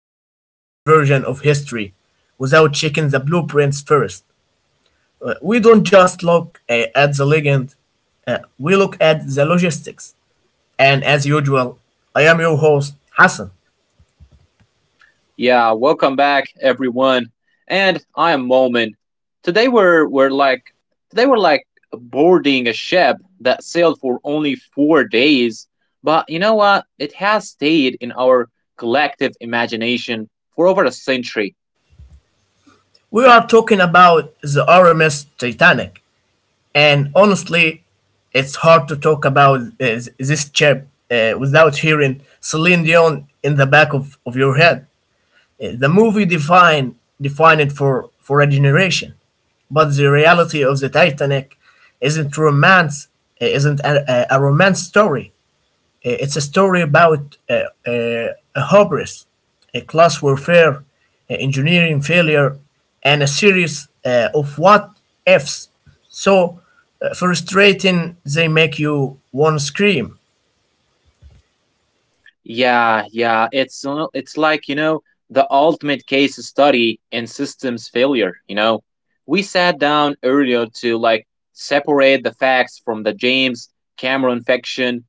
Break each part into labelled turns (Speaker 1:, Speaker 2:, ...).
Speaker 1: Hollywood version of history without checking the blueprints first. We don't just look at the legend, we look at the logistics. And as usual, I am your host, Hassan.
Speaker 2: Yeah, welcome back everyone. And I am Momin. Today we're like today we're like boarding a ship that sailed for only 4 days, but you know what? It has stayed in our collective imagination for over a century.
Speaker 1: We are talking about the RMS Titanic, and honestly, it's hard to talk about this chip without hearing Celine Dion in the back of your head. The movie defined it for a generation. But the reality of the Titanic isn't romance, isn't a romance story. It's a story about uh, a hubris, a class warfare, a engineering failure, and a series of what ifs. So frustrating they make you want to scream.
Speaker 2: Yeah, yeah, it's it's like, you know, the ultimate case study in systems failure. We sat down earlier to like separate the facts from the James Cameron fiction,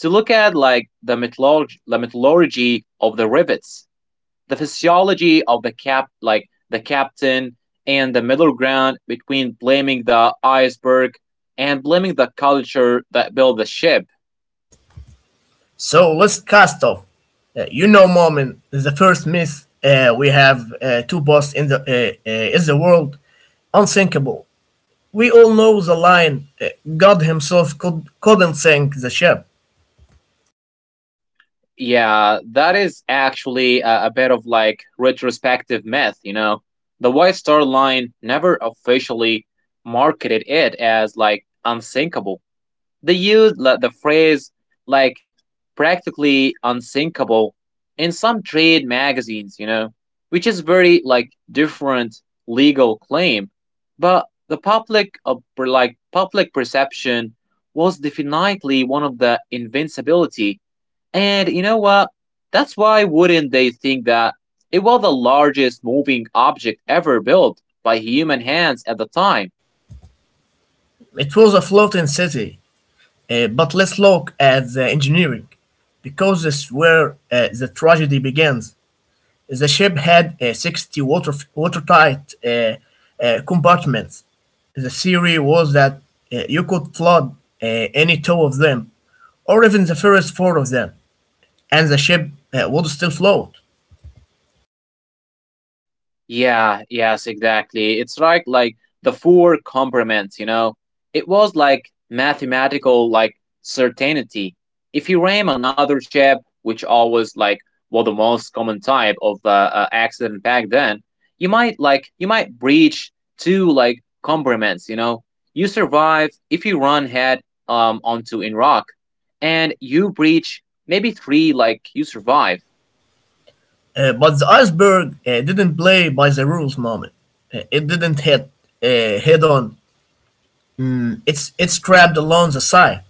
Speaker 2: to look at like the mythology of the rivets, the physiology of the cap like the captain and the middle ground between blaming the iceberg and blaming the culture that built the ship.
Speaker 1: So let's cast off. Moment, the first myth we have two boss in the is the world unsinkable. We all know the line God Himself couldn't sink the ship.
Speaker 2: Yeah, that is actually a bit of like retrospective myth, you know. The White Star Line never officially marketed it as like unsinkable. They used like the phrase like practically unsinkable in some trade magazines, you know, which is very like different legal claim. But the public of like public perception was definitely one of the invincibility, and you know what? That's why wouldn't they think that it was the largest moving object ever built by human hands at the time?
Speaker 1: It was a floating city. But let's look at the engineering, because this is where the tragedy begins. The ship had 60 water, watertight compartments. The theory was that you could flood any two of them, or even the first four of them, and the ship would still float.
Speaker 2: Yeah, yes, exactly. It's right, like the four complements, you know. It was like mathematical, like certainty. If you ram another ship, which always like was the most common type of accident back then, you might breach two like complements, you know. You survive if you run head onto in rock, and you breach maybe three like you survive.
Speaker 1: But the iceberg didn't play by the rules, moment. It didn't hit head on. It's trapped along the side.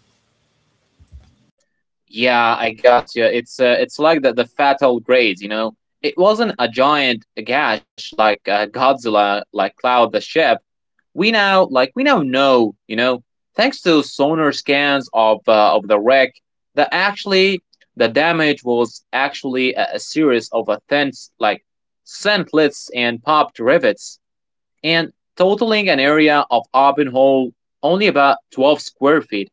Speaker 2: Yeah, I got you. It's like the fatal grades, you know. It wasn't a giant gash like Godzilla, like Cloud the ship. We now know, you know, thanks to sonar scans of the wreck, that actually the damage was actually a series of thin like scintlets and popped rivets and totaling an area of open hole only about 12 square feet,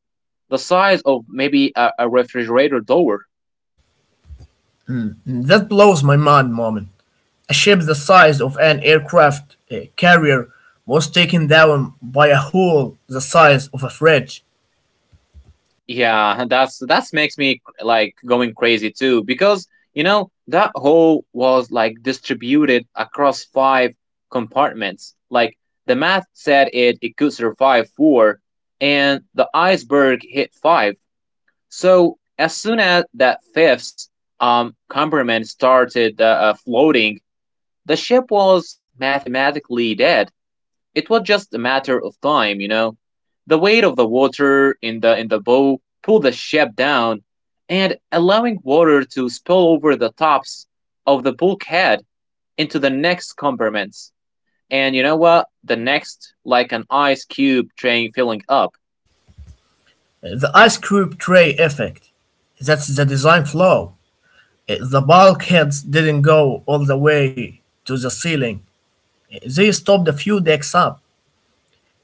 Speaker 2: the size of maybe a refrigerator door.
Speaker 1: That blows my mind, Moment. A ship the size of an aircraft carrier was taken down by a hole the size of a fridge.
Speaker 2: Yeah, that's makes me like going crazy too because you know that hole was like distributed across five compartments. Like the math said it could survive four and the iceberg hit five. So as soon as that fifth compartment started floating, the ship was mathematically dead. It was just a matter of time, you know. The weight of the water in the bow pulled the ship down, and allowing water to spill over the tops of the bulkhead into the next compartments. And you know what? The next, like an ice cube train filling up.
Speaker 1: The ice cube tray effect. That's the design flaw. The bulkheads didn't go all the way to the ceiling. They stopped a few decks up.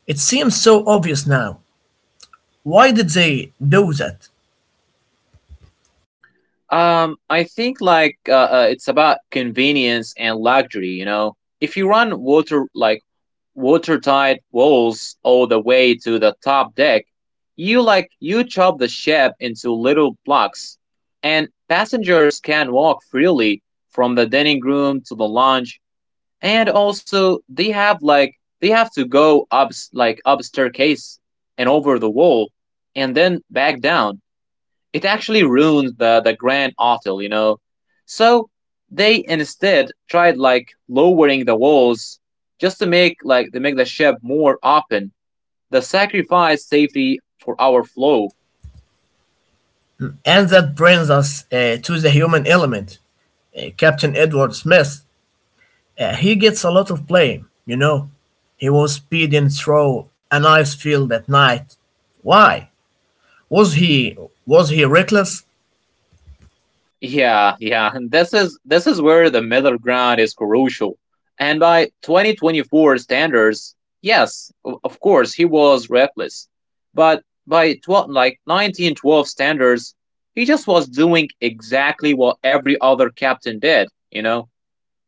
Speaker 1: It seems so obvious now. Why did they do that?
Speaker 2: I think it's about convenience and luxury. You know, if you run water like watertight walls all the way to the top deck, you chop the ship into little blocks, and passengers can walk freely from the dining room to the lounge, and also they have to go up like up staircase and over the wall and then back down. It actually ruined the grand hotel, you know. So they instead tried like lowering the walls just to make the ship more open. The sacrifice safety for our flow.
Speaker 1: And that brings us to the human element. Captain Edward Smith. He gets a lot of blame, you know. He was speeding through an ice field at night. Why? Was he was he reckless?
Speaker 2: Yeah, yeah. and This is where the middle ground is crucial. And by 2024 standards, yes, of course he was reckless. But by 12, like 1912 standards, he just was doing exactly what every other captain did, you know.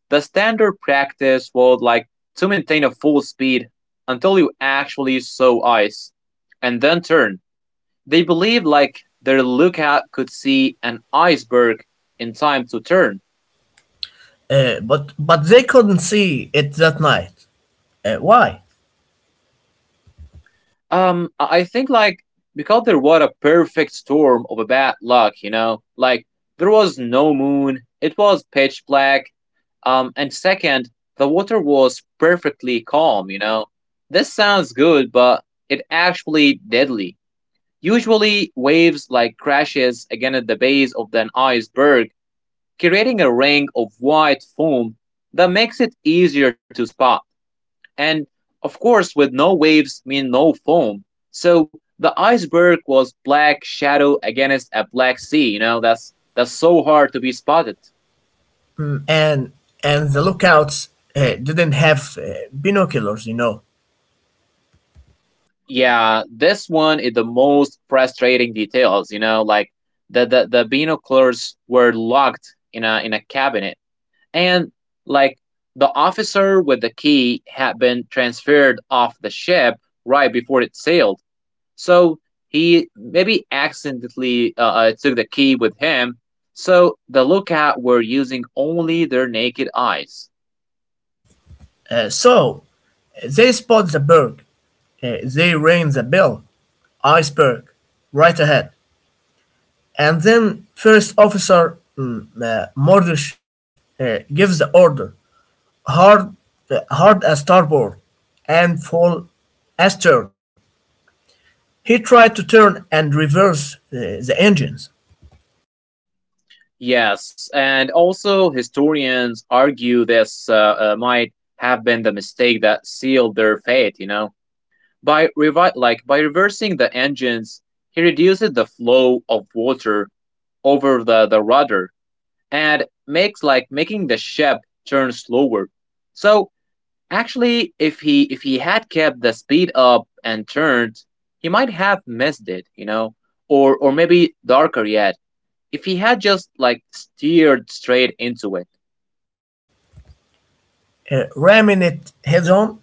Speaker 2: The standard practice was like to maintain a full speed until you actually saw ice and then turn. They believed like their lookout could see an iceberg in time to turn.
Speaker 1: But they couldn't see it that night. Why?
Speaker 2: I think like because there was a perfect storm of a bad luck, you know, like there was no moon, it was pitch black, and second, the water was perfectly calm, you know. This sounds good, but it actually deadly. Usually, waves like crashes against the base of an iceberg, creating a ring of white foam that makes it easier to spot. And of course, with no waves mean no foam. So the iceberg was black shadow against a black sea, you know, that's so hard to be spotted.
Speaker 1: And the lookouts didn't have binoculars, you know.
Speaker 2: Yeah, this one is the most frustrating details, you know, like the binoculars were locked in a cabinet. And like the officer with the key had been transferred off the ship right before it sailed. So he maybe accidentally took the key with him. So the lookout were using only their naked eyes.
Speaker 1: So they spot the berg. They ring the bell. Iceberg, right ahead. And then first officer Mordish gives the order. hard hard starboard and full astern. He tried to turn and reverse the engines,
Speaker 2: Yes, and also historians argue this might have been the mistake that sealed their fate. You know, by revi- like by reversing the engines, he reduced the flow of water over the rudder and makes like making the ship turn slower. So actually if he had kept the speed up and turned, he might have missed it, you know? Or maybe darker yet, if he had just like steered straight into it.
Speaker 1: ramming it head on.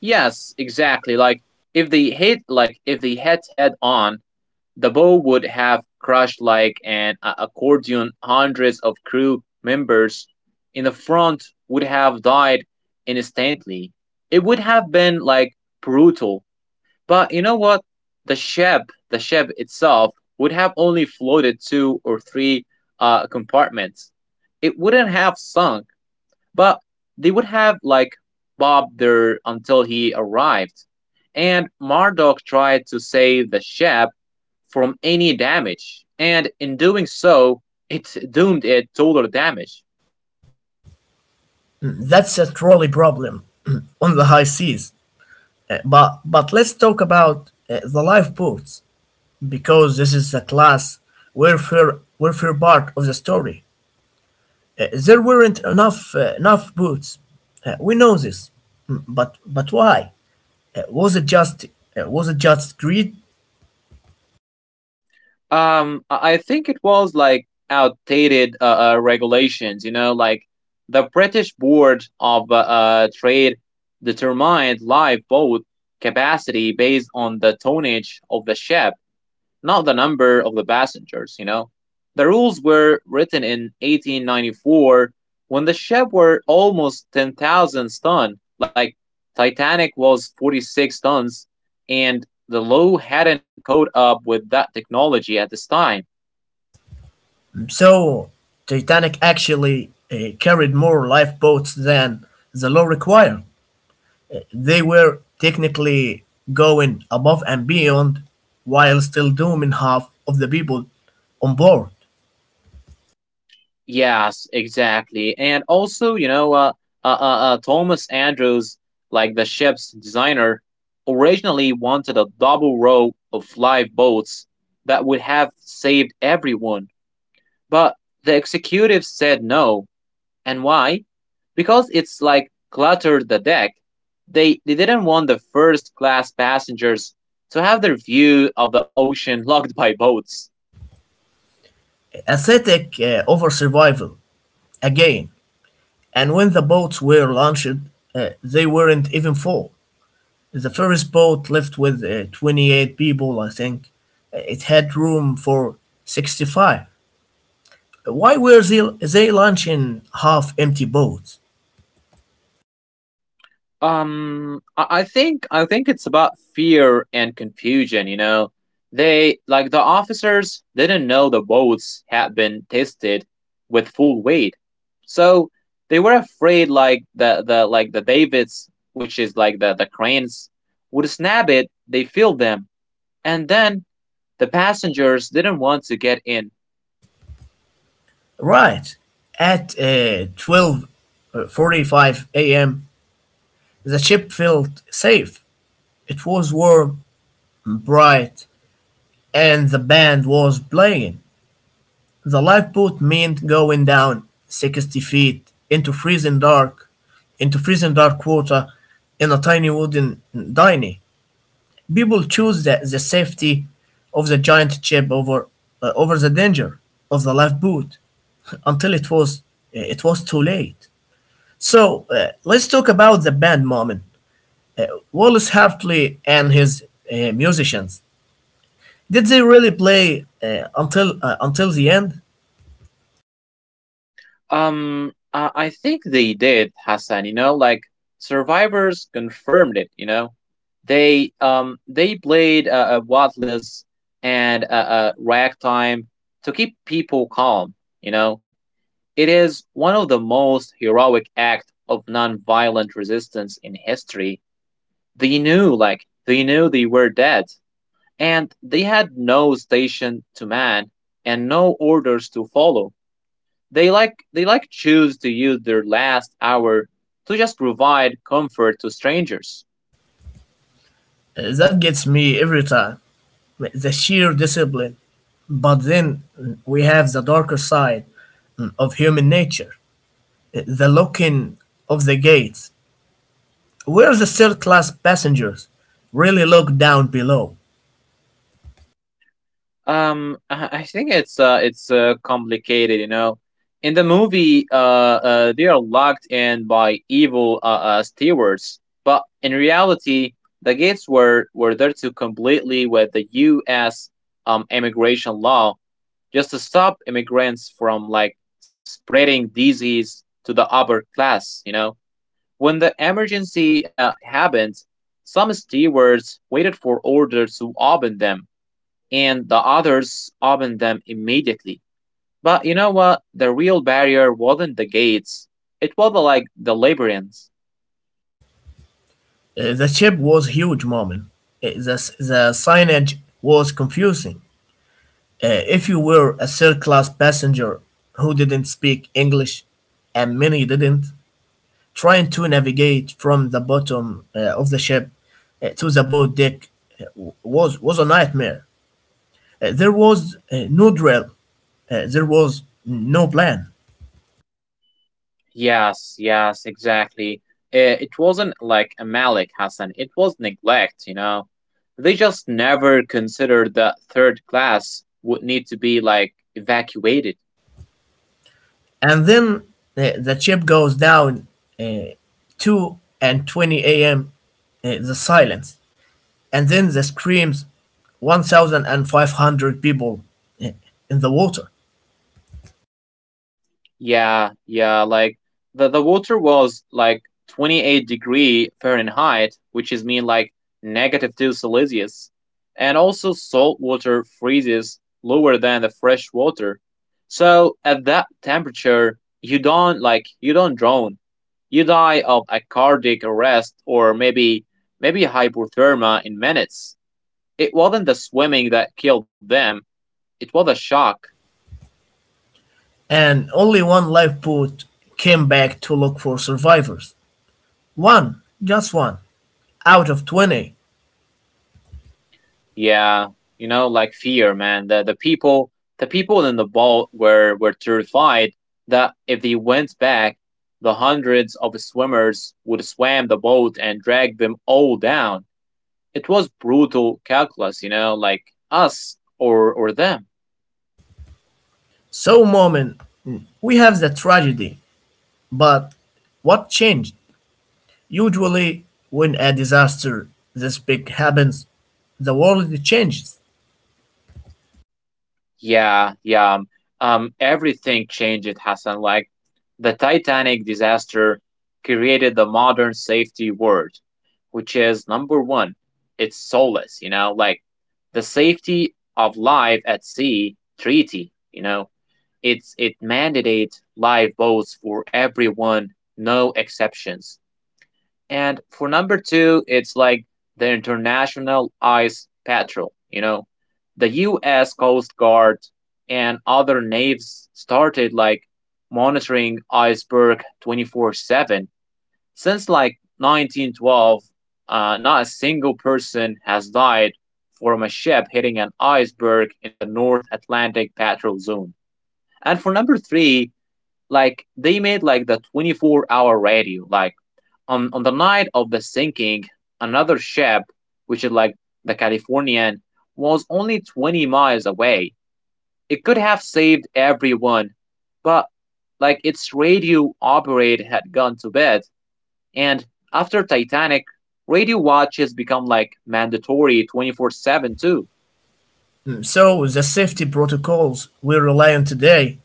Speaker 2: Yes, exactly. Like if they hit head on, the bow would have crashed like an accordion. Hundreds of crew members in the front would have died instantly. It would have been like brutal. But you know what? The ship, the ship itself would have only floated two or three compartments. It wouldn't have sunk, but they would have like bobbed there until he arrived. And Marduk tried to save the ship from any damage, and in doing so, it doomed it total damage.
Speaker 1: That's a trolley problem on the high seas. But let's talk about the lifeboats, because this is the class warfare part of the story. There weren't enough boats. We know this. But why? It was it just it was it just greed?
Speaker 2: I think it was like outdated regulations, you know, like the British Board of Trade determined live boat capacity based on the tonnage of the ship, not the number of the passengers, you know. The rules were written in 1894 when the ship were almost 10,000 tons. Like Titanic was 46 tons, and the law hadn't caught up with that technology at this time.
Speaker 1: So Titanic actually carried more lifeboats than the law required. They were technically going above and beyond while still dooming half of the people on board.
Speaker 2: Yes, exactly. And also, you know, uh, uh, Thomas Andrews, like the ship's designer, originally wanted a double row of live boats that would have saved everyone. But the executive said no. And why? Because it's like cluttered the deck. They didn't want the first class passengers to have their view of the ocean locked by boats.
Speaker 1: Aesthetic over survival again. And when the boats were launched, they weren't even full. The first boat left with 28 people, I think. It had room for 65. Why were they launching half-empty boats?
Speaker 2: I think it's about fear and confusion. You know, the officers didn't know the boats had been tested with full weight, so they were afraid like the Davids, which is like the cranes, would snap it. They filled them, and then the passengers didn't want to get in.
Speaker 1: Right at 12:45 a.m., the ship felt safe. It was warm, and bright, and the band was playing. The lifeboat meant going down 60 feet into freezing dark water in a tiny wooden dinghy. People chose the safety of the giant ship over over the danger of the lifeboat, until it was it was too late. So let's talk about the band, moment. Wallace Hartley and his musicians. Did they really play until the end?
Speaker 2: I think they did, Hassan. You know, like survivors confirmed it. You know, they played Wattless and Ragtime to keep people calm. You know, it is one of the most heroic act of nonviolent resistance in history. They knew, like they knew they were dead, and they had no station to man and no orders to follow. They like choose to use their last hour to just provide comfort to strangers.
Speaker 1: That gets me every time. The sheer discipline. But then we have the darker side of human nature. The locking of the gates, where the third class passengers really look down below.
Speaker 2: I think It's complicated, you know. In the movie, they are locked in by evil stewards, but in reality, the gates were there to completely with the U.S. Immigration law just to stop immigrants from like spreading disease to the upper class, you know. When the emergency happened, some stewards waited for orders to open them, and the others opened them immediately. But you know what? The real barrier wasn't the gates, it was like the labyrinth.
Speaker 1: The ship was huge, Mom. The, the signage was confusing. If you were a third class passenger who didn't speak English, and many didn't, trying to navigate from the bottom of the ship to the boat deck uh, was a nightmare. There was no drill, there was no plan.
Speaker 2: Yes, yes, exactly. It wasn't like a Malik Hassan, it was neglect, you know? They just never considered that third class would need to be like evacuated.
Speaker 1: And then the ship goes down uh, 2 and 20 a.m., the silence, and then the screams. 1,500 people in the water,
Speaker 2: Yeah, yeah, like the water was like 28-degree Fahrenheit, which is mean like negative 2 Celsius. And also salt water freezes lower than the fresh water. So at that temperature, you don't drown. You die of a cardiac arrest or maybe hypothermia in minutes. It wasn't the swimming that killed them, it was a shock.
Speaker 1: and only one lifeboat came back to look for survivors. One, just one, out of 20.
Speaker 2: Yeah, you know, like fear, man. The people in the boat were terrified that if they went back, the hundreds of swimmers would swim the boat and drag them all down. It was brutal calculus, you know, like us or them.
Speaker 1: So, moment, we have the tragedy, but what changed? Usually, when a disaster this big happens, the world changes.
Speaker 2: Yeah, yeah. Everything changed, Hassan. Like the Titanic disaster created the modern safety word, which is number one, it's soulless, you know, like the safety of life at sea treaty, you know, it's it mandates lifeboats for everyone, no exceptions. And for number two, it's like the International Ice Patrol, you know. The US Coast Guard and other navies started like monitoring iceberg 24/7 since like 1912. Not a single person has died from a ship hitting an iceberg in the North Atlantic patrol zone. And for number three, they made like the 24-hour radio, like on the night of the sinking, another ship, which is like the Californian, was only 20 miles away. It could have saved everyone, but like its radio operator had gone to bed, and after Titanic, radio watches become like mandatory 24/7 too.
Speaker 1: So, the safety protocols we rely on today,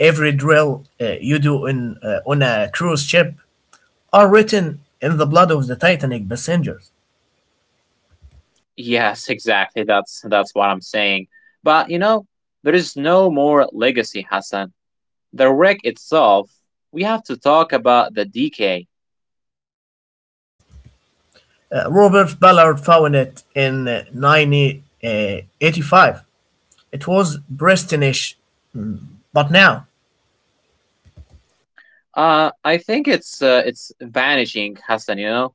Speaker 1: every drill you do on a cruise ship, are written in the blood of the Titanic passengers.
Speaker 2: Yes, exactly. That's what I'm saying. But you know, there is no more legacy, Hassan. The wreck itself, we have to talk about the decay.
Speaker 1: Robert Ballard found it in 1985. It was Bristolish, but now
Speaker 2: I think it's vanishing, Hassan. You know,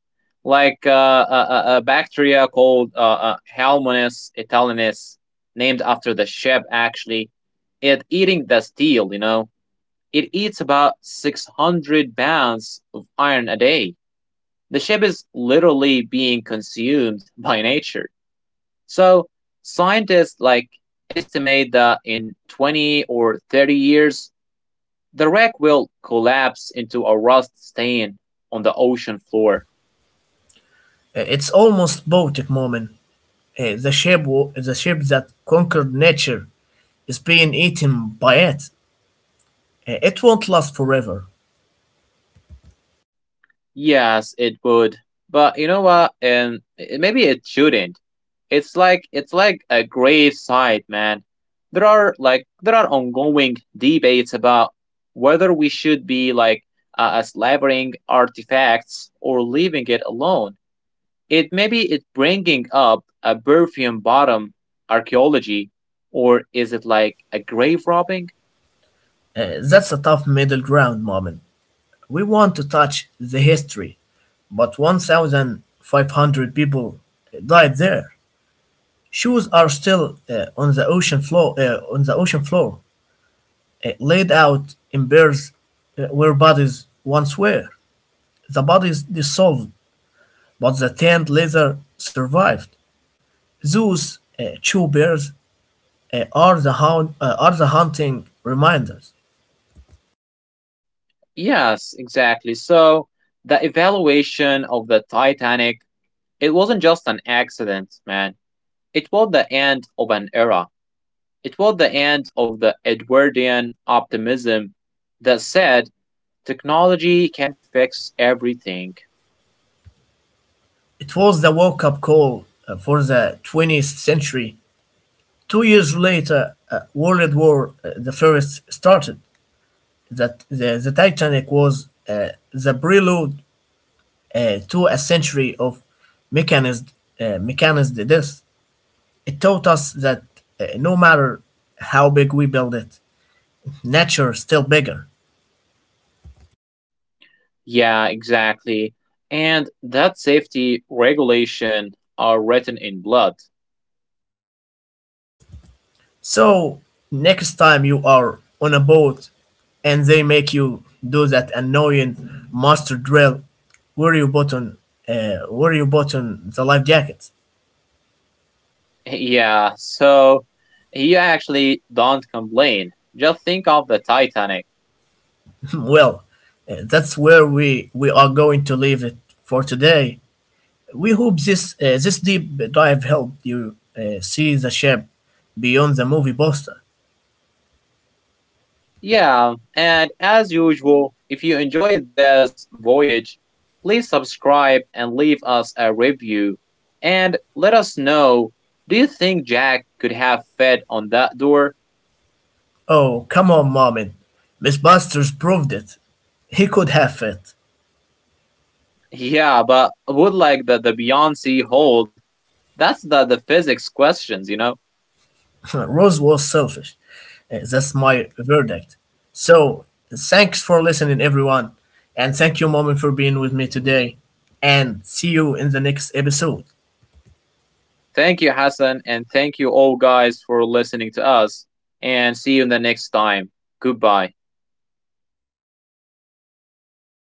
Speaker 2: like a bacteria called Helminths italianus, named after the ship. Actually, it eating the steel. You know, it eats about 600 pounds of iron a day. The ship is literally being consumed by nature. So scientists like estimate that in 20 or 30 years, the wreck will collapse into a rust stain on the ocean floor.
Speaker 1: it's almost Baltic, moment. The ship, the ship that conquered nature, is being eaten by it. It won't last forever.
Speaker 2: Yes, it would. But you know what? And maybe it shouldn't. It's like a grave site, man. There are ongoing debates about whether we should be like slavering artifacts or leaving it alone. It maybe it's bringing up a Burfian bottom archaeology, or is it like a grave robbing?
Speaker 1: That's a tough middle ground moment. We want to touch the history, but 1,500 people died there. Shoes are still on the ocean floor, laid out in bears where bodies once were. The bodies dissolved, but the tanned leather survived. Those two bears are the hunting reminders.
Speaker 2: Yes, exactly. So the evaluation of the Titanic, it wasn't just an accident, man. It was the end of an era. It was the end of the Edwardian optimism that said technology can fix everything.
Speaker 1: It was the wake-up call for the 20th century. 2 years later, World War the First started. That the Titanic was the prelude to a century of mechanized, mechanized death. It taught us that no matter how big we build it, nature is still bigger.
Speaker 2: Yeah, exactly. And that safety regulation are written in blood.
Speaker 1: So, next time you are on a boat and they make you do that annoying master drill where you button the life jackets.
Speaker 2: Yeah, so you actually don't complain. Just think of the Titanic.
Speaker 1: Well, that's where we are going to leave it for today. We hope this this deep dive helped you see the shape beyond the movie poster.
Speaker 2: Yeah, and as usual, if you enjoyed this voyage, please subscribe and leave us a review. And let us know, do you think Jack could have fit on that door?
Speaker 1: Oh, come on, Marvin. Miss Busters proved it. He could have it.
Speaker 2: Yeah, but would like the Beyonce hold? That's the physics questions, you know?
Speaker 1: Rose was selfish. That's my verdict. So, thanks for listening, everyone. And thank you, Marvin, for being with me today. And see you in the next episode.
Speaker 2: Thank you, Hassan, and thank you all guys for listening to us. And see you in the next time. Goodbye.